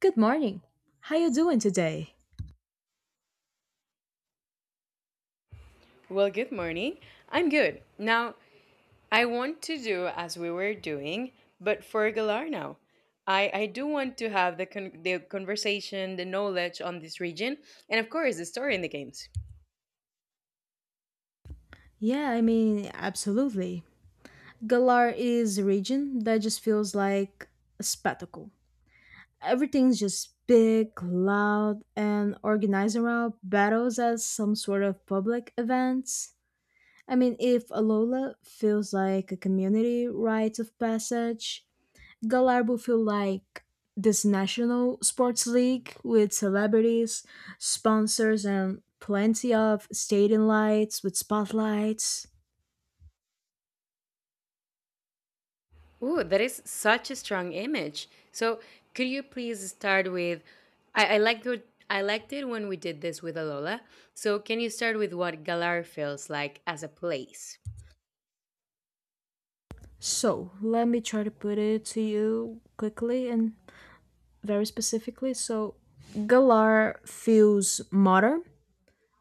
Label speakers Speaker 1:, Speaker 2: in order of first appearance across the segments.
Speaker 1: Good morning. How you doing today?
Speaker 2: Well, good morning. I'm good. Now, I want to do as we were doing, but for Galarno. I do want to have the conversation, the knowledge on this region, and of course, the story in the games.
Speaker 1: Yeah, I mean, absolutely. Galar is a region that just feels like a spectacle. Everything's just big, loud, and organized around battles as some sort of public events. I mean, if Alola feels like a community rite of passage, Gallardo feel like this national sports league with celebrities, sponsors, and plenty of stadium lights with spotlights.
Speaker 2: Ooh, that is such a strong image. So, could you please start with? I liked it when we did this with Alola. So, can you start with what Galar feels like as a place?
Speaker 1: So let me try to put it to you quickly and very specifically. So Galar feels modern,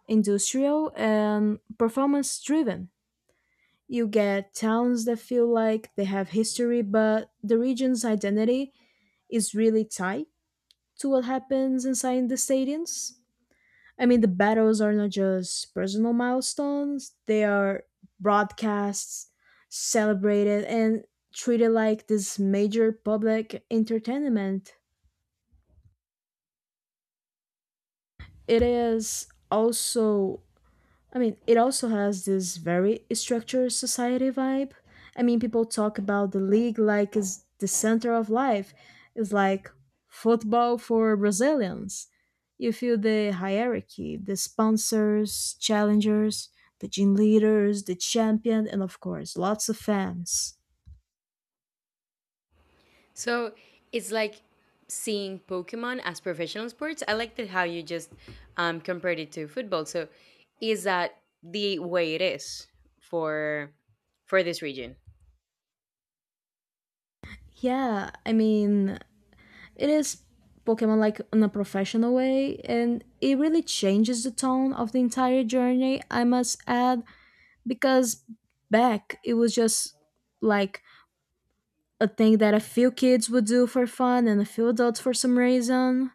Speaker 1: industrial, and performance driven. You get towns that feel like they have history, but the region's identity is really tight to what happens inside the stadiums. I mean, the battles are not just personal milestones, they are broadcasts, celebrated, and treated like this major public entertainment. It is also I mean, it also has this very structured society vibe. I mean, people talk about the league like it's the center of life. It's like football for Brazilians. You feel the hierarchy, the sponsors, challengers, the gym leaders, the champion, and of course, lots of fans.
Speaker 2: So it's like seeing Pokemon as professional sports. I liked it how you just compared it to football. So is that the way it is for this region?
Speaker 1: Yeah, I mean, it is Pokemon like in a professional way, and it really changes the tone of the entire journey, I must add. Because back, it was just like a thing that a few kids would do for fun and a few adults for some reason,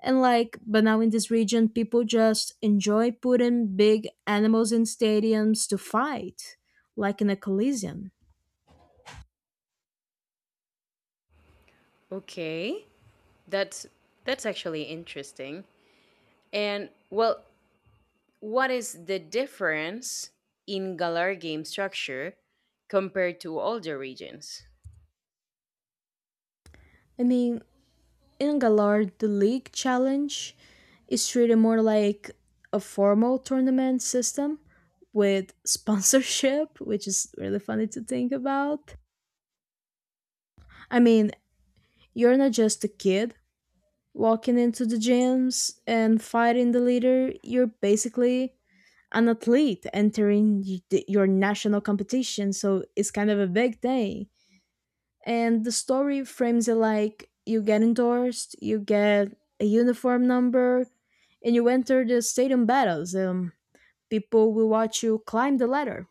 Speaker 1: and like, but now in this region people just enjoy putting big animals in stadiums to fight, like in a collision.
Speaker 2: Okay, that's that's actually interesting. And well, what is the difference in Galar game structure compared to older regions?
Speaker 1: I mean, in Galar the league challenge is treated more like a formal tournament system with sponsorship, which is really funny to think about. I mean, you're not just a kid walking into the gyms and fighting the leader, you're basically an athlete entering your national competition. So it's kind of a big thing. And the story frames it like you get endorsed, you get a uniform number, and you enter the stadium battles. People will watch you climb the ladder,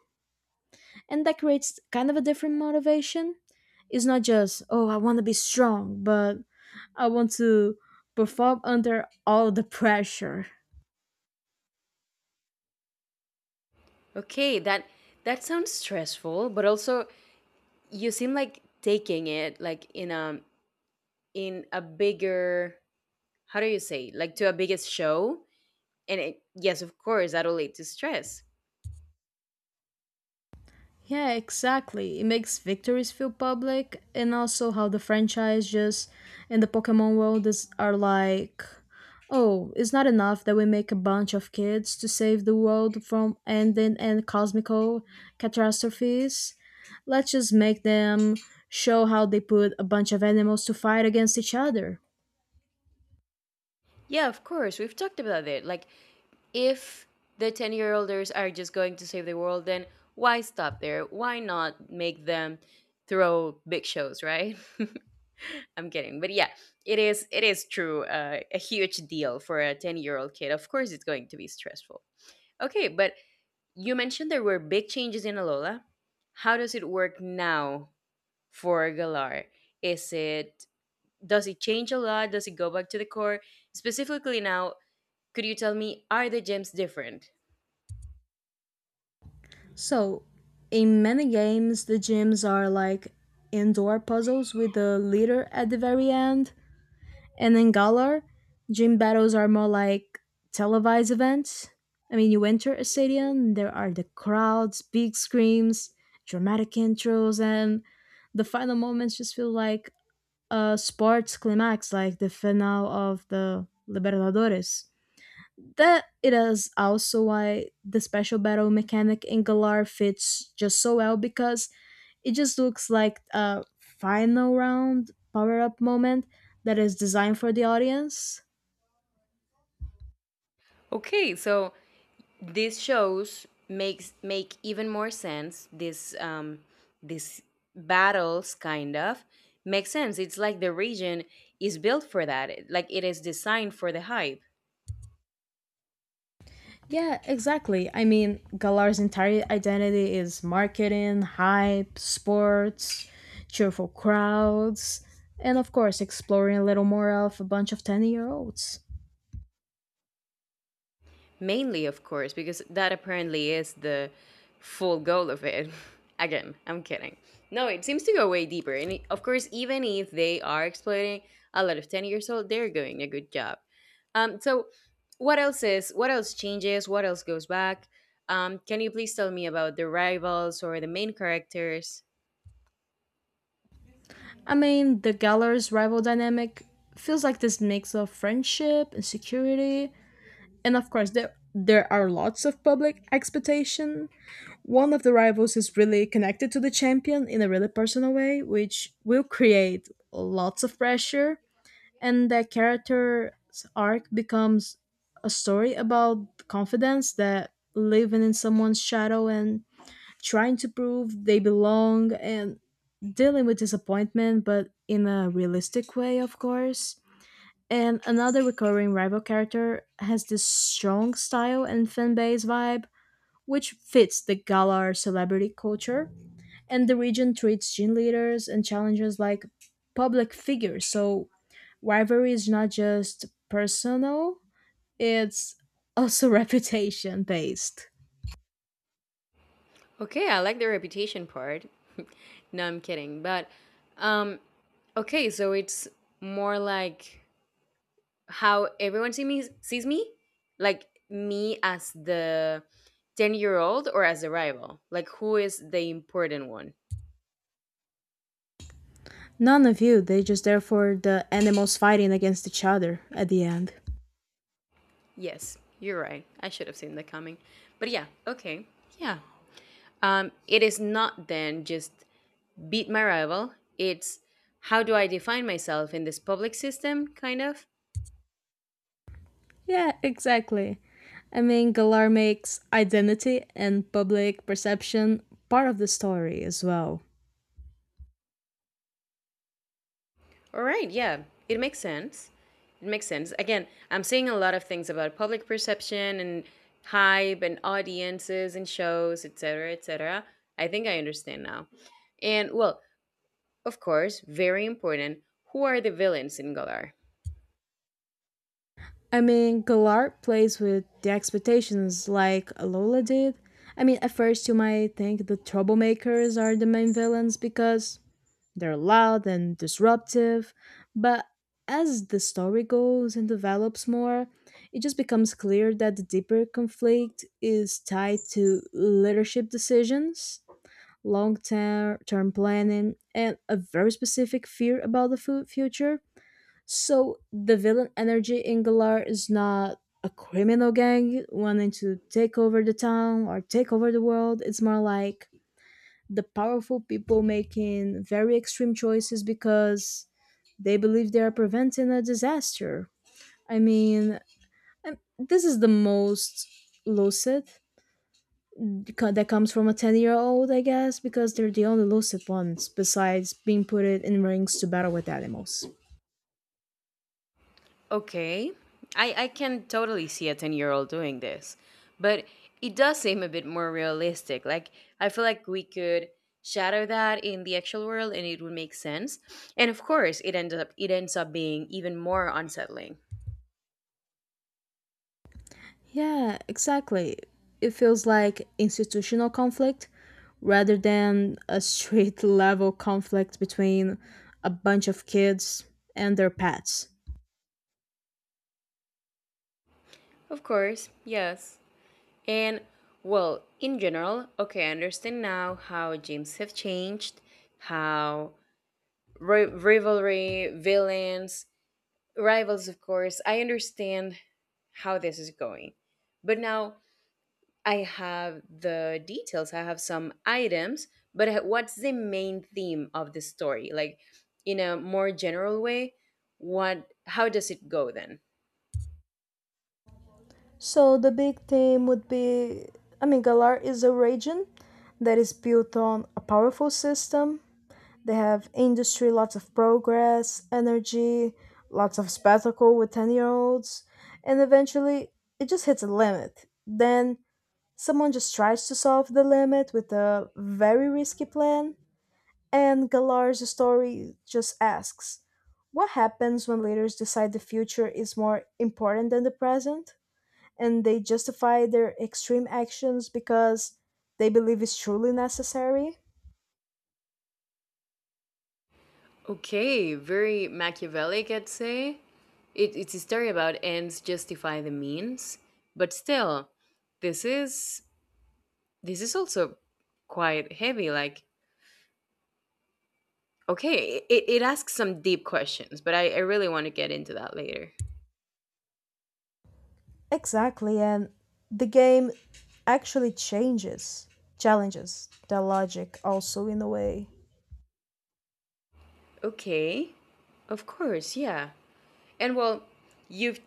Speaker 1: and that creates kind of a different motivation. It's not just, oh, I want to be strong, but I want to perform under all the pressure.
Speaker 2: Okay, that sounds stressful, but also you seem like taking it like in a bigger, how do you say, like to a biggest show, and it, yes, of course that'll lead to stress.
Speaker 1: Yeah, exactly. It makes victories feel public, and also how the franchise just in the Pokemon world is are like, oh, it's not enough that we make a bunch of kids to save the world from ending and cosmical catastrophes. Let's just make them show how they put a bunch of animals to fight against each other.
Speaker 2: Yeah, of course we've talked about it, like, if the 10-year olders are just going to save the world, then why stop there? Why not make them throw big shows, right? I'm kidding, but yeah, it is true, a huge deal for a 10-year-old kid. Of course it's going to be stressful. Okay, but you mentioned there were big changes in Alola. How does it work now for Galar? Is it, does it change a lot? Does it go back to the core? Specifically now, could you tell me, are the gems different?
Speaker 1: So, in many games, the gyms are like indoor puzzles with the leader at the very end. And in Galar, gym battles are more like televised events. I mean, you enter a stadium, there are the crowds, big screams, dramatic intros, and the final moments just feel like a sports climax, like the finale of the Libertadores. That it is also why the special battle mechanic in Galar fits just so well because it just looks like a final round power up moment that is designed for the audience.
Speaker 2: Okay, so these shows make even more sense. This battles kind of makes sense. It's like the region is built for that. Like it is designed for the hype.
Speaker 1: Yeah, exactly. I mean, Galar's entire identity is marketing, hype, sports, cheerful crowds, and of course, exploring a little more of a bunch of 10-year-olds.
Speaker 2: Mainly, of course, because that apparently is the full goal of it. Again, I'm kidding. No, it seems to go way deeper. And of course, even if they are exploiting a lot of 10 years old, they're doing a good job. So, what else changes, what else goes back? Can you please tell me about the rivals or the main characters?
Speaker 1: I mean, the Galar's rival dynamic feels like this mix of friendship, insecurity, and of course, there are lots of public expectation. One of the rivals is really connected to the champion in a really personal way, which will create lots of pressure, and that character's arc becomes a story about confidence, that living in someone's shadow and trying to prove they belong and dealing with disappointment, but in a realistic way, of course. And another recurring rival character has this strong style and fan base vibe, which fits the Galar celebrity culture, and the region treats gene leaders and challengers like public figures. So rivalry is not just personal, it's also reputation based.
Speaker 2: Okay, I like the reputation part. No, I'm kidding. But, um, okay, so it's more like how everyone sees me, like, me as the 10-year-old or as a rival, like, who is the important one?
Speaker 1: None of you, they just there for the animals fighting against each other at the end.
Speaker 2: Yes, you're right, I should have seen that coming. But yeah, okay. Yeah, it is not then just beat my rival, it's how do I define myself in this public system, kind of.
Speaker 1: Yeah, exactly. I mean, Galar makes identity and public perception part of the story as well.
Speaker 2: All right, yeah, it makes sense. It makes sense. Again, I'm seeing a lot of things about public perception and hype and audiences and shows, etc., etc. I think I understand now. And well, of course, very important, who are the villains in Galar?
Speaker 1: I mean, Galar plays with the expectations like Alola did. I mean, at first you might think the troublemakers are the main villains because they're loud and disruptive, but as the story goes and develops more, it just becomes clear that the deeper conflict is tied to leadership decisions, long term planning, and a very specific fear about the future. So the villain energy in Galar is not a criminal gang wanting to take over the town or take over the world. It's more like the powerful people making very extreme choices because they believe they are preventing a disaster. I mean, this is the most lucid that comes from a 10-year-old, I guess, because they're the only lucid ones besides being put in rings to battle with animals.
Speaker 2: Okay. I can totally see a 10-year-old doing this, but it does seem a bit more realistic. Like, I feel like we could shadow that in the actual world and it would make sense. And of course, it ends up being even more unsettling.
Speaker 1: Yeah, exactly. It feels like institutional conflict rather than a street level conflict between a bunch of kids and their pets.
Speaker 2: Of course, yes. And well, in general, okay, I understand now how games have changed, how rivalry, villains, rivals, of course. I understand how this is going. But now I have the details, I have some items, but what's the main theme of the story? Like, in a more general way, what how does it go then?
Speaker 1: So the big theme would be, I mean, Galar is a region that is built on a powerful system. They have industry, lots of progress, energy, lots of spectacle with 10-year-olds, and eventually it just hits a limit. Then someone just tries to solve the limit with a very risky plan, and Galar's story just asks, what happens when leaders decide the future is more important than the present and they justify their extreme actions because they believe it's truly necessary?
Speaker 2: Okay, very Machiavellic, I'd say. It's a story about ends justify the means, but still, this is this is also quite heavy. Like, okay, it asks some deep questions, but I really want to get into that later.
Speaker 1: Exactly, and the game actually changes, challenges the logic also in a way.
Speaker 2: Okay, of course, yeah. And well, you've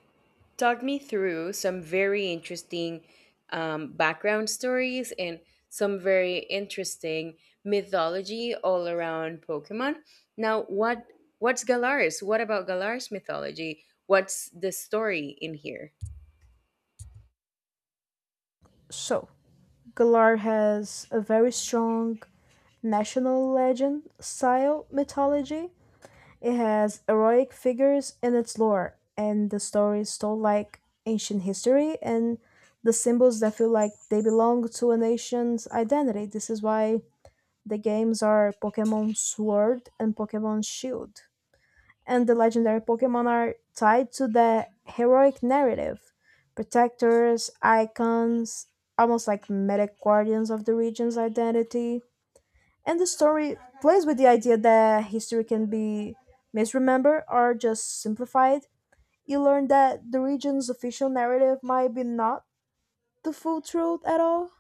Speaker 2: talked me through some very interesting background stories and some very interesting mythology all around Pokemon. Now, what's Galar's? What about Galar's mythology? What's the story in here?
Speaker 1: So, Galar has a very strong national legend style mythology. It has heroic figures in its lore, and the stories told like ancient history and the symbols that feel like they belong to a nation's identity. This is why the games are Pokemon Sword and Pokemon Shield and the legendary Pokemon are tied to the heroic narrative. Protectors, icons, almost like medic guardians of the region's identity. And the story plays with the idea that history can be misremembered or just simplified. You learn that the region's official narrative might be not the full truth at all.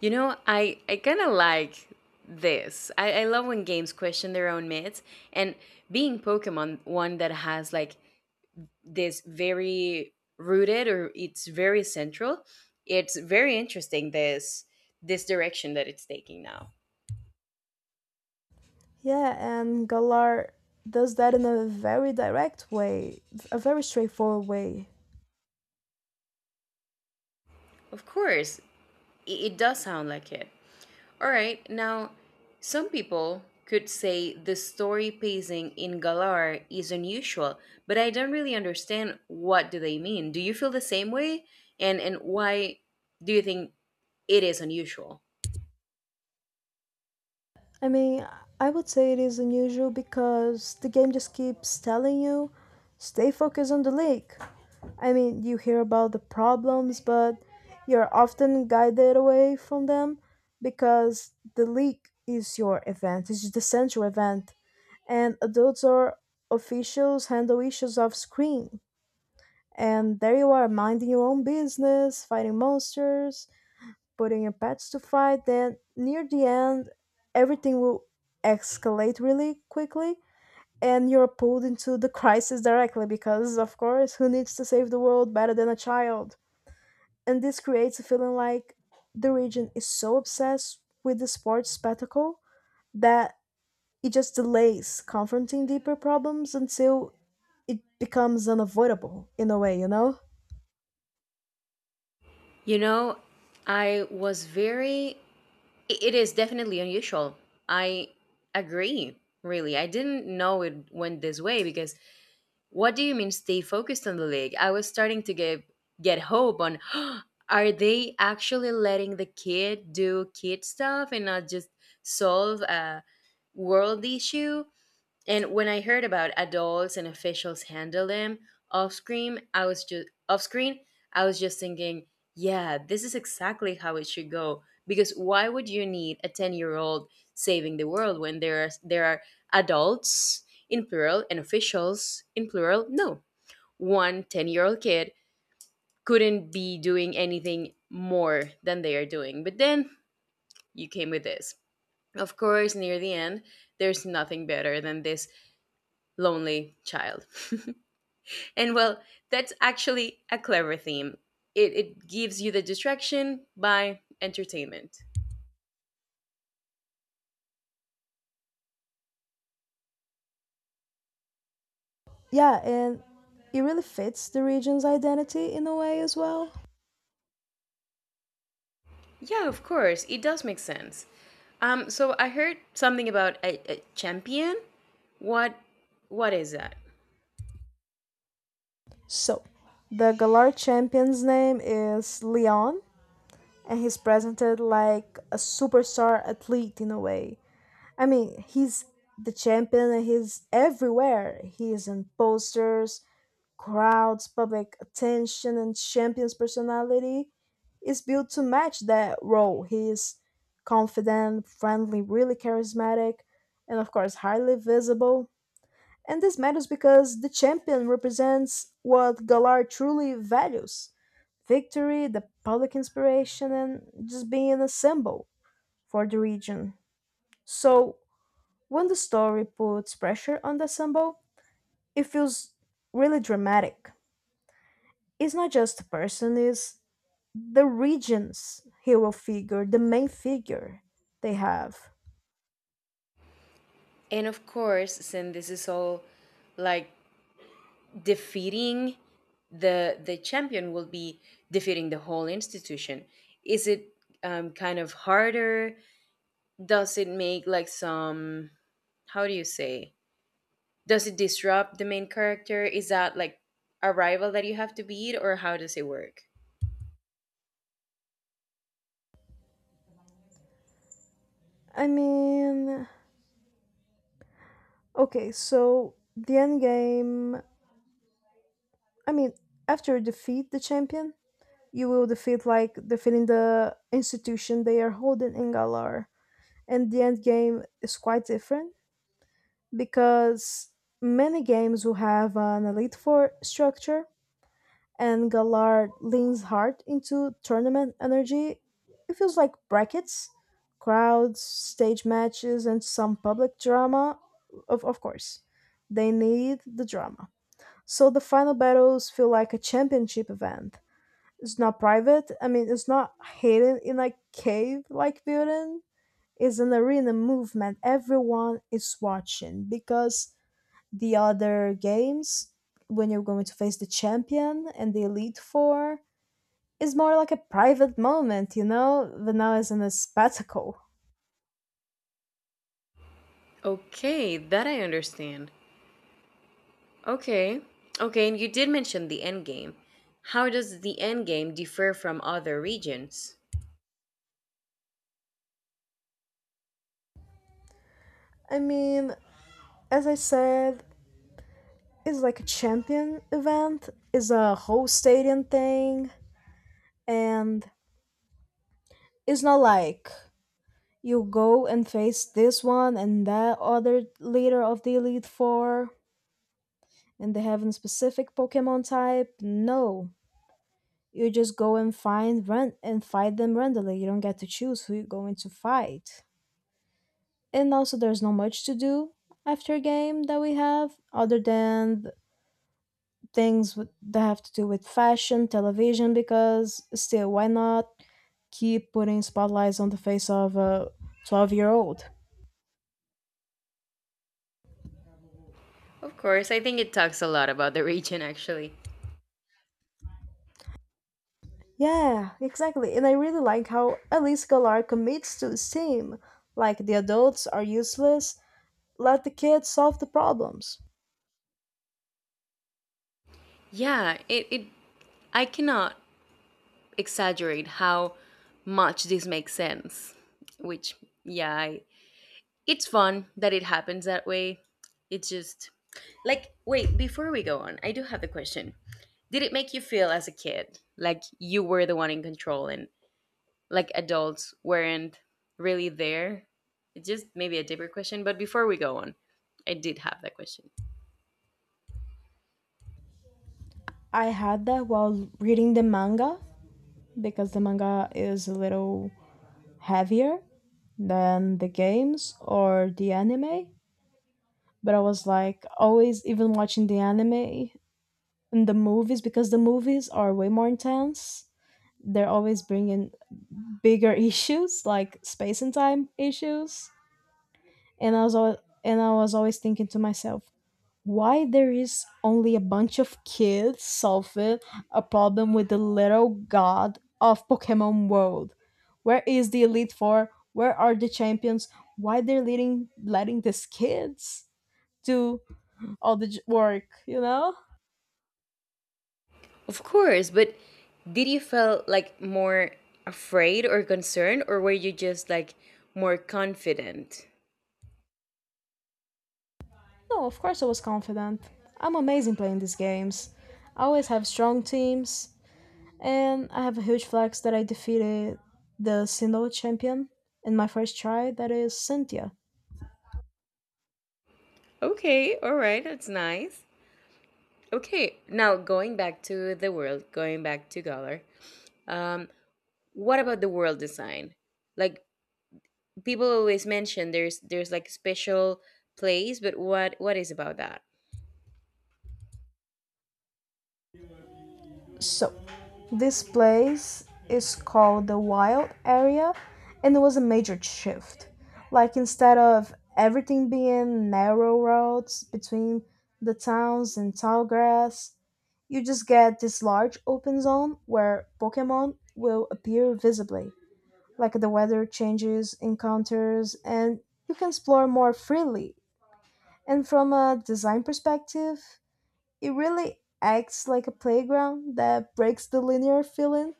Speaker 2: You know, I kind of like this. I love when games question their own myths, and being Pokemon, one that has like this very rooted, or it's very central. It's very interesting this direction that it's taking now.
Speaker 1: Yeah, and Galar does that in a very direct way, a very straightforward way.
Speaker 2: Of course, it does sound like it. All right, now some people could say the story pacing in Galar is unusual, but I don't really understand what do they mean. Do you feel the same way? And why do you think it is unusual?
Speaker 1: I mean, I would say it is unusual because the game just keeps telling you, stay focused on the lake. I mean, you hear about the problems, but you're often guided away from them because the leak is your event, it's the central event, and adults or officials handle issues off screen. And there you are, minding your own business, fighting monsters, putting a pets to fight, then near the end, everything will escalate really quickly and you're pulled into the crisis directly because, of course, who needs to save the world better than a child? And this creates a feeling like the region is so obsessed with the sports spectacle that it just delays confronting deeper problems until it becomes unavoidable in a way, you know?
Speaker 2: You know, I was very it is definitely unusual. I agree, really. I didn't know it went this way, because what do you mean stay focused on the league? I was starting to get hope on, are they actually letting the kid do kid stuff and not just solve a world issue? And when I heard about adults and officials handle them off screen, I was just thinking, yeah, this is exactly how it should go. Because why would you need a 10-year-old saving the world when there are adults in plural and officials in plural? No. 110 year old kid couldn't be doing anything more than they are doing. But then you came with this. Of course, near the end, there's nothing better than this lonely child. And well, that's actually a clever theme. It gives you the distraction by entertainment.
Speaker 1: Yeah, and it really fits the region's identity in a way as well.
Speaker 2: Yeah, of course, it does make sense. So I heard something about a champion. What what is that?
Speaker 1: So, the Galar champion's name is Leon, and he's presented like a superstar athlete in a way. I mean, he's the champion and he's everywhere. He is in posters, crowds, public attention, and champion's personality is built to match that role. He is confident, friendly, really charismatic, and of course, highly visible. And this matters because the champion represents what Galar truly values: victory, the public inspiration, and just being a symbol for the region. So, when the story puts pressure on the symbol, it feels really dramatic. It's not just a person, it's the region's hero figure, the main figure they have.
Speaker 2: And of course, since this is all like defeating the champion will be defeating the whole institution. Is it kind of harder? Does it make like some, how do you say, does it disrupt the main character, is that like a rival that you have to beat or how does it work?
Speaker 1: I mean, okay, so the end game, I mean, after you defeat the champion, you will defeat like defeating the institution they are holding in Galar. And the end game is quite different because many games will have an Elite Four structure, and Galar leans hard into tournament energy. It feels like brackets, crowds, stage matches, and some public drama. Of course, they need the drama. So the final battles feel like a championship event. It's not private. I mean, it's not hidden in a cave like building. It's an arena movement. Everyone is watching because the other games, when you're going to face the champion and the Elite Four, is more like a private moment, you know? But now it's in a spectacle.
Speaker 2: Okay, that I understand. Okay. Okay, and you did mention the end game, how does the end game differ from other regions?
Speaker 1: I mean, as I said, it's like a champion event, it's a whole stadium thing, and it's not like, you go and face this one and that other leader of the Elite Four, and they have a specific Pokemon type. No. You just go and find and fight them randomly. You don't get to choose who you're going to fight. And also, there's not much to do after game that we have other than things that have to do with fashion, television. Because still, why not keep putting spotlights on the face of a 12-year-old?
Speaker 2: Of course, I think it talks a lot about the region, actually.
Speaker 1: Yeah, exactly. And I really like how Elise Galar commits to his team. Like, the adults are useless, let the kids solve the problems.
Speaker 2: Yeah, it, I cannot exaggerate how much this makes sense. Which, yeah, it's fun that it happens that way. It's just, like, wait, before we go on, I do have the question. Did it make you feel as a kid like you were the one in control and like adults weren't really there? It's just maybe a deeper question, but before we go on, I did have that question.
Speaker 1: I had that while reading the manga, because the manga is a little heavier than the games or the anime. But I was like always even watching the anime and the movies because the movies are way more intense. They're always bringing bigger issues like space and time issues. And I was always thinking to myself, why there is only a bunch of kids solving a problem with the little god of Pokemon World? Where is the Elite Four? Where are the champions? Why they're leading letting these kids do all the work? You know?
Speaker 2: Of course, but did you feel like more afraid or concerned, or were you just like more confident?
Speaker 1: No, of course I was confident. I'm amazing playing these games. I always have strong teams. And I have a huge flex that I defeated the Sinnoh champion in my first try, that is Cynthia.
Speaker 2: Okay, all right, that's nice. Okay, now going back to the world, going back to Galar. Um what about the world design, like, people always mention there's like special place, but what is about that?
Speaker 1: So, this place is called the Wild Area, and it was a major shift. Like, instead of everything being narrow roads between the towns and tall grass, you just get this large open zone where Pokemon will appear visibly, like the weather changes, encounters, and you can explore more freely. And from a design perspective, it really acts like a playground that breaks the linear feeling.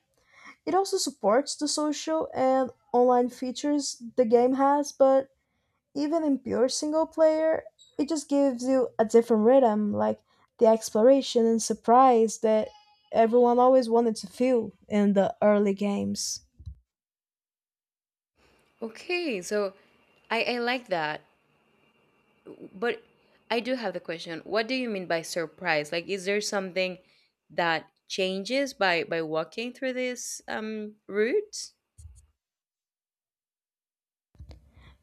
Speaker 1: It also supports the social and online features the game has, but even in pure single player, it just gives you a different rhythm, like the exploration and surprise that everyone always wanted to feel in the early games.
Speaker 2: Okay, so I like that, but I do have the question, what do you mean by surprise, like, is there something that changes by walking through this route?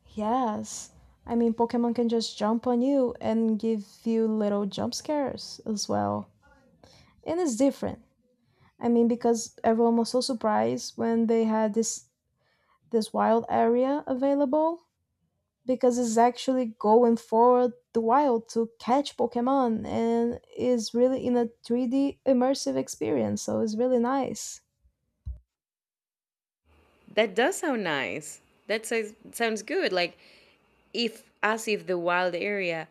Speaker 1: Yes. I mean, Pokemon can just jump on you and give you little jump scares as well. And it's different. I mean, because everyone was so surprised when they had this wild area available because it's actually going forward the wild to catch Pokemon and is really in a 3D immersive experience, so it's really nice.
Speaker 2: That does sound nice. That sounds good. Like, if, as if the wild area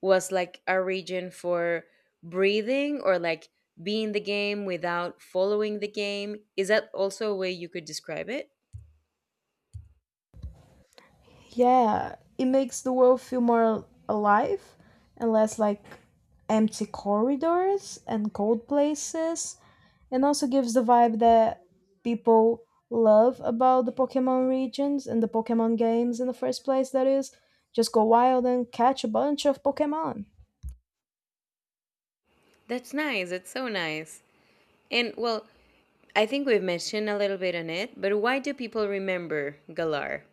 Speaker 2: was like a region for breathing, or like being the game without following the game. Is that also a way you could describe it?
Speaker 1: Yeah, it makes the world feel more alive and less like empty corridors and cold places, and also gives the vibe that people love about the Pokemon regions and the Pokemon games in the first place that is just go wild and catch a bunch of Pokemon.
Speaker 2: That's nice. That's so nice. And well, I think we've mentioned a little bit on it, but why do people remember Galar?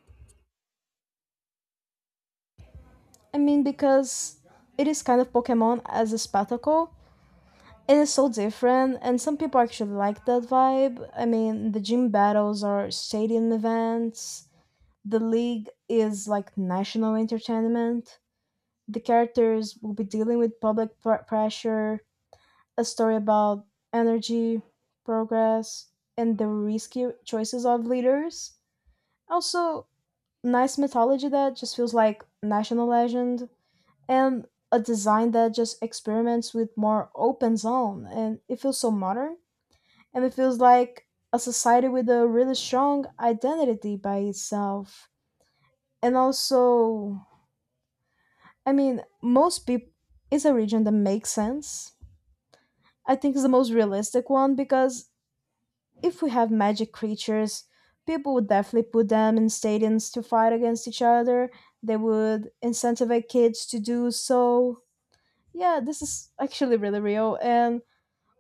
Speaker 1: I mean, because it is kind of Pokemon as a spectacle. It is so different, and some people actually like that vibe. I mean, the gym battles or stadium events, the league is like national entertainment. The characters will be dealing with public pressure, a story about energy, progress, and the risky choices of leaders. Also, nice mythology that just feels like national legend, and a design that just experiments with more open zone, and it feels so modern, and it feels like a society with a really strong identity by itself, and also, I mean, most people, is a region that makes sense. I think it's the most realistic one because if we have magic creatures, people would definitely put them in stadiums to fight against each other. They would incentivize kids to do so. Yeah, this is actually really real. And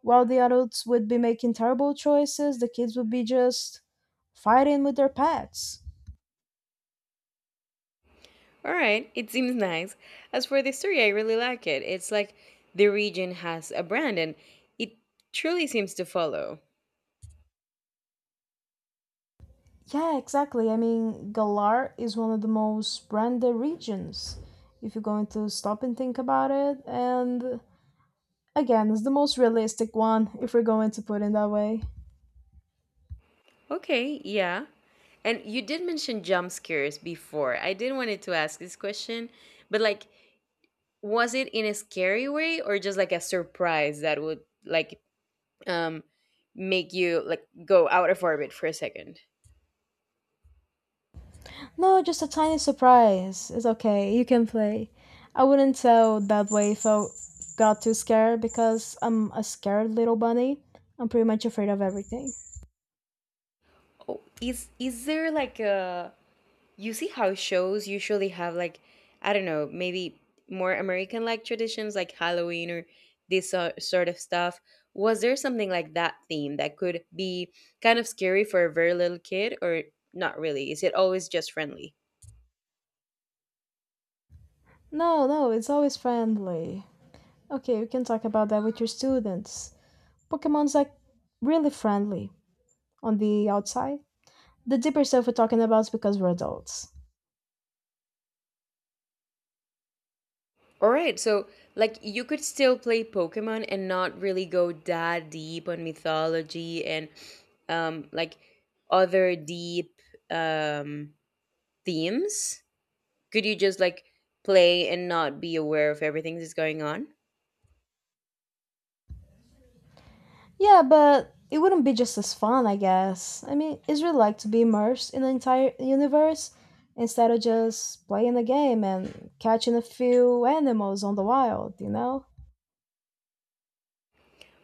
Speaker 1: while the adults would be making terrible choices, the kids would be just fighting with their pets.
Speaker 2: All right, it seems nice. As for the story, I really like it. It's like the region has a brand and it truly seems to follow.
Speaker 1: Yeah, exactly. I mean, Galar is one of the most branded regions, if you're going to stop and think about it. And again, it's the most realistic one, if we're going to put it that way.
Speaker 2: Okay, yeah. And you did mention jump scares before. I did wanted to ask this question, but like, was it in a scary way or just like a surprise that would, like, um make you like go out of orbit for a second?
Speaker 1: No, just a tiny surprise. It's okay. You can play. I wouldn't tell that way if I got too scared because I'm a scared little bunny. I'm pretty much afraid of everything.
Speaker 2: Oh, is there like a, you see how shows usually have like, I don't know, maybe more American like traditions like Halloween or this sort of stuff. Was there something like that theme that could be kind of scary for a very little kid or not really? Is it always just friendly?
Speaker 1: No, no, it's always friendly. Okay, we can talk about that with your students. Pokemon's like really friendly on the outside. The deeper stuff we're talking about is because we're adults.
Speaker 2: All right, so like you could still play Pokemon and not really go that deep on mythology and like other deep um themes. Could you just like play and not be aware of everything that's going on?
Speaker 1: Yeah, but it wouldn't be just as fun, I guess. I mean, it's really like to be immersed in the entire universe instead of just playing a game and catching a few animals on the wild, you know?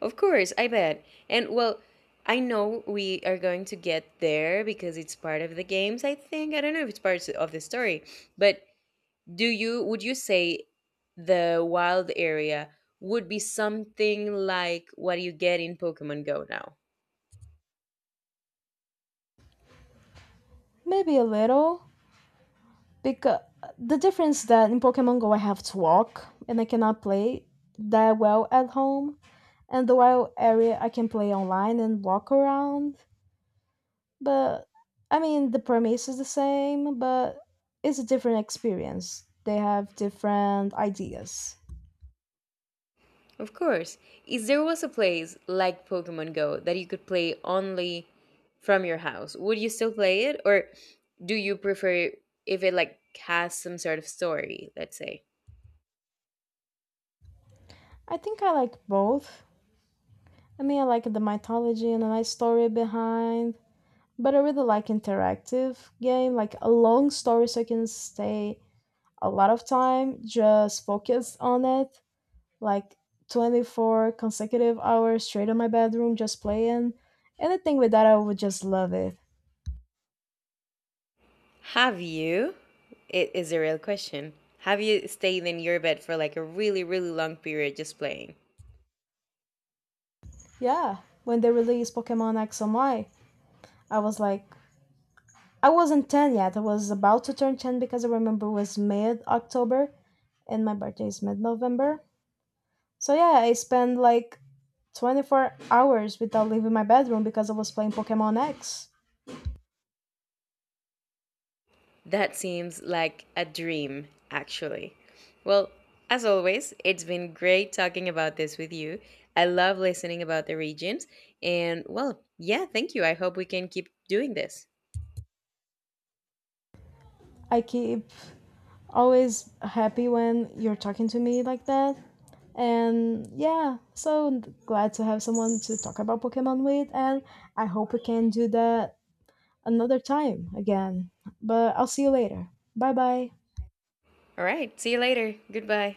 Speaker 2: Of course, I bet. And well, I know we are going to get there because it's part of the games, I think. I don't know if it's part of the story, but do you would you say the wild area would be something like what you get in Pokemon Go now?
Speaker 1: Maybe a little, because the difference that in Pokemon Go I have to walk and I cannot play that well at home, and the wild area I can play online and walk around. But I mean, the premise is the same, but it's a different experience. They have different ideas.
Speaker 2: Of course. If there was a place like Pokemon Go that you could play only from your house, would you still play it? Or do you prefer if it like has some sort of story, let's say?
Speaker 1: I think I like both. I mean, I like the mythology and a nice story behind, but I really like interactive game, like a long story so I can stay a lot of time just focused on it, like 24 consecutive hours straight in my bedroom just playing. Anything with that, I would just love it.
Speaker 2: Have you? It is a real question. Have you stayed in your bed for like a really, really long period just playing?
Speaker 1: Yeah, when they released Pokemon X and Y. I was like, I wasn't 10 yet. I was about to turn 10 because I remember it was mid October and my birthday is mid November. So yeah, I spent like 24 hours without leaving my bedroom because I was playing Pokemon X.
Speaker 2: That seems like a dream, actually. Well, as always, it's been great talking about this with you. I love listening about the regions. And well, yeah, thank you. I hope we can keep doing this.
Speaker 1: I keep always happy when you're talking to me like that. And yeah, so glad to have someone to talk about Pokemon with, and I hope we can do that another time again. But I'll see you later. Bye bye.
Speaker 2: All right. See you later. Goodbye.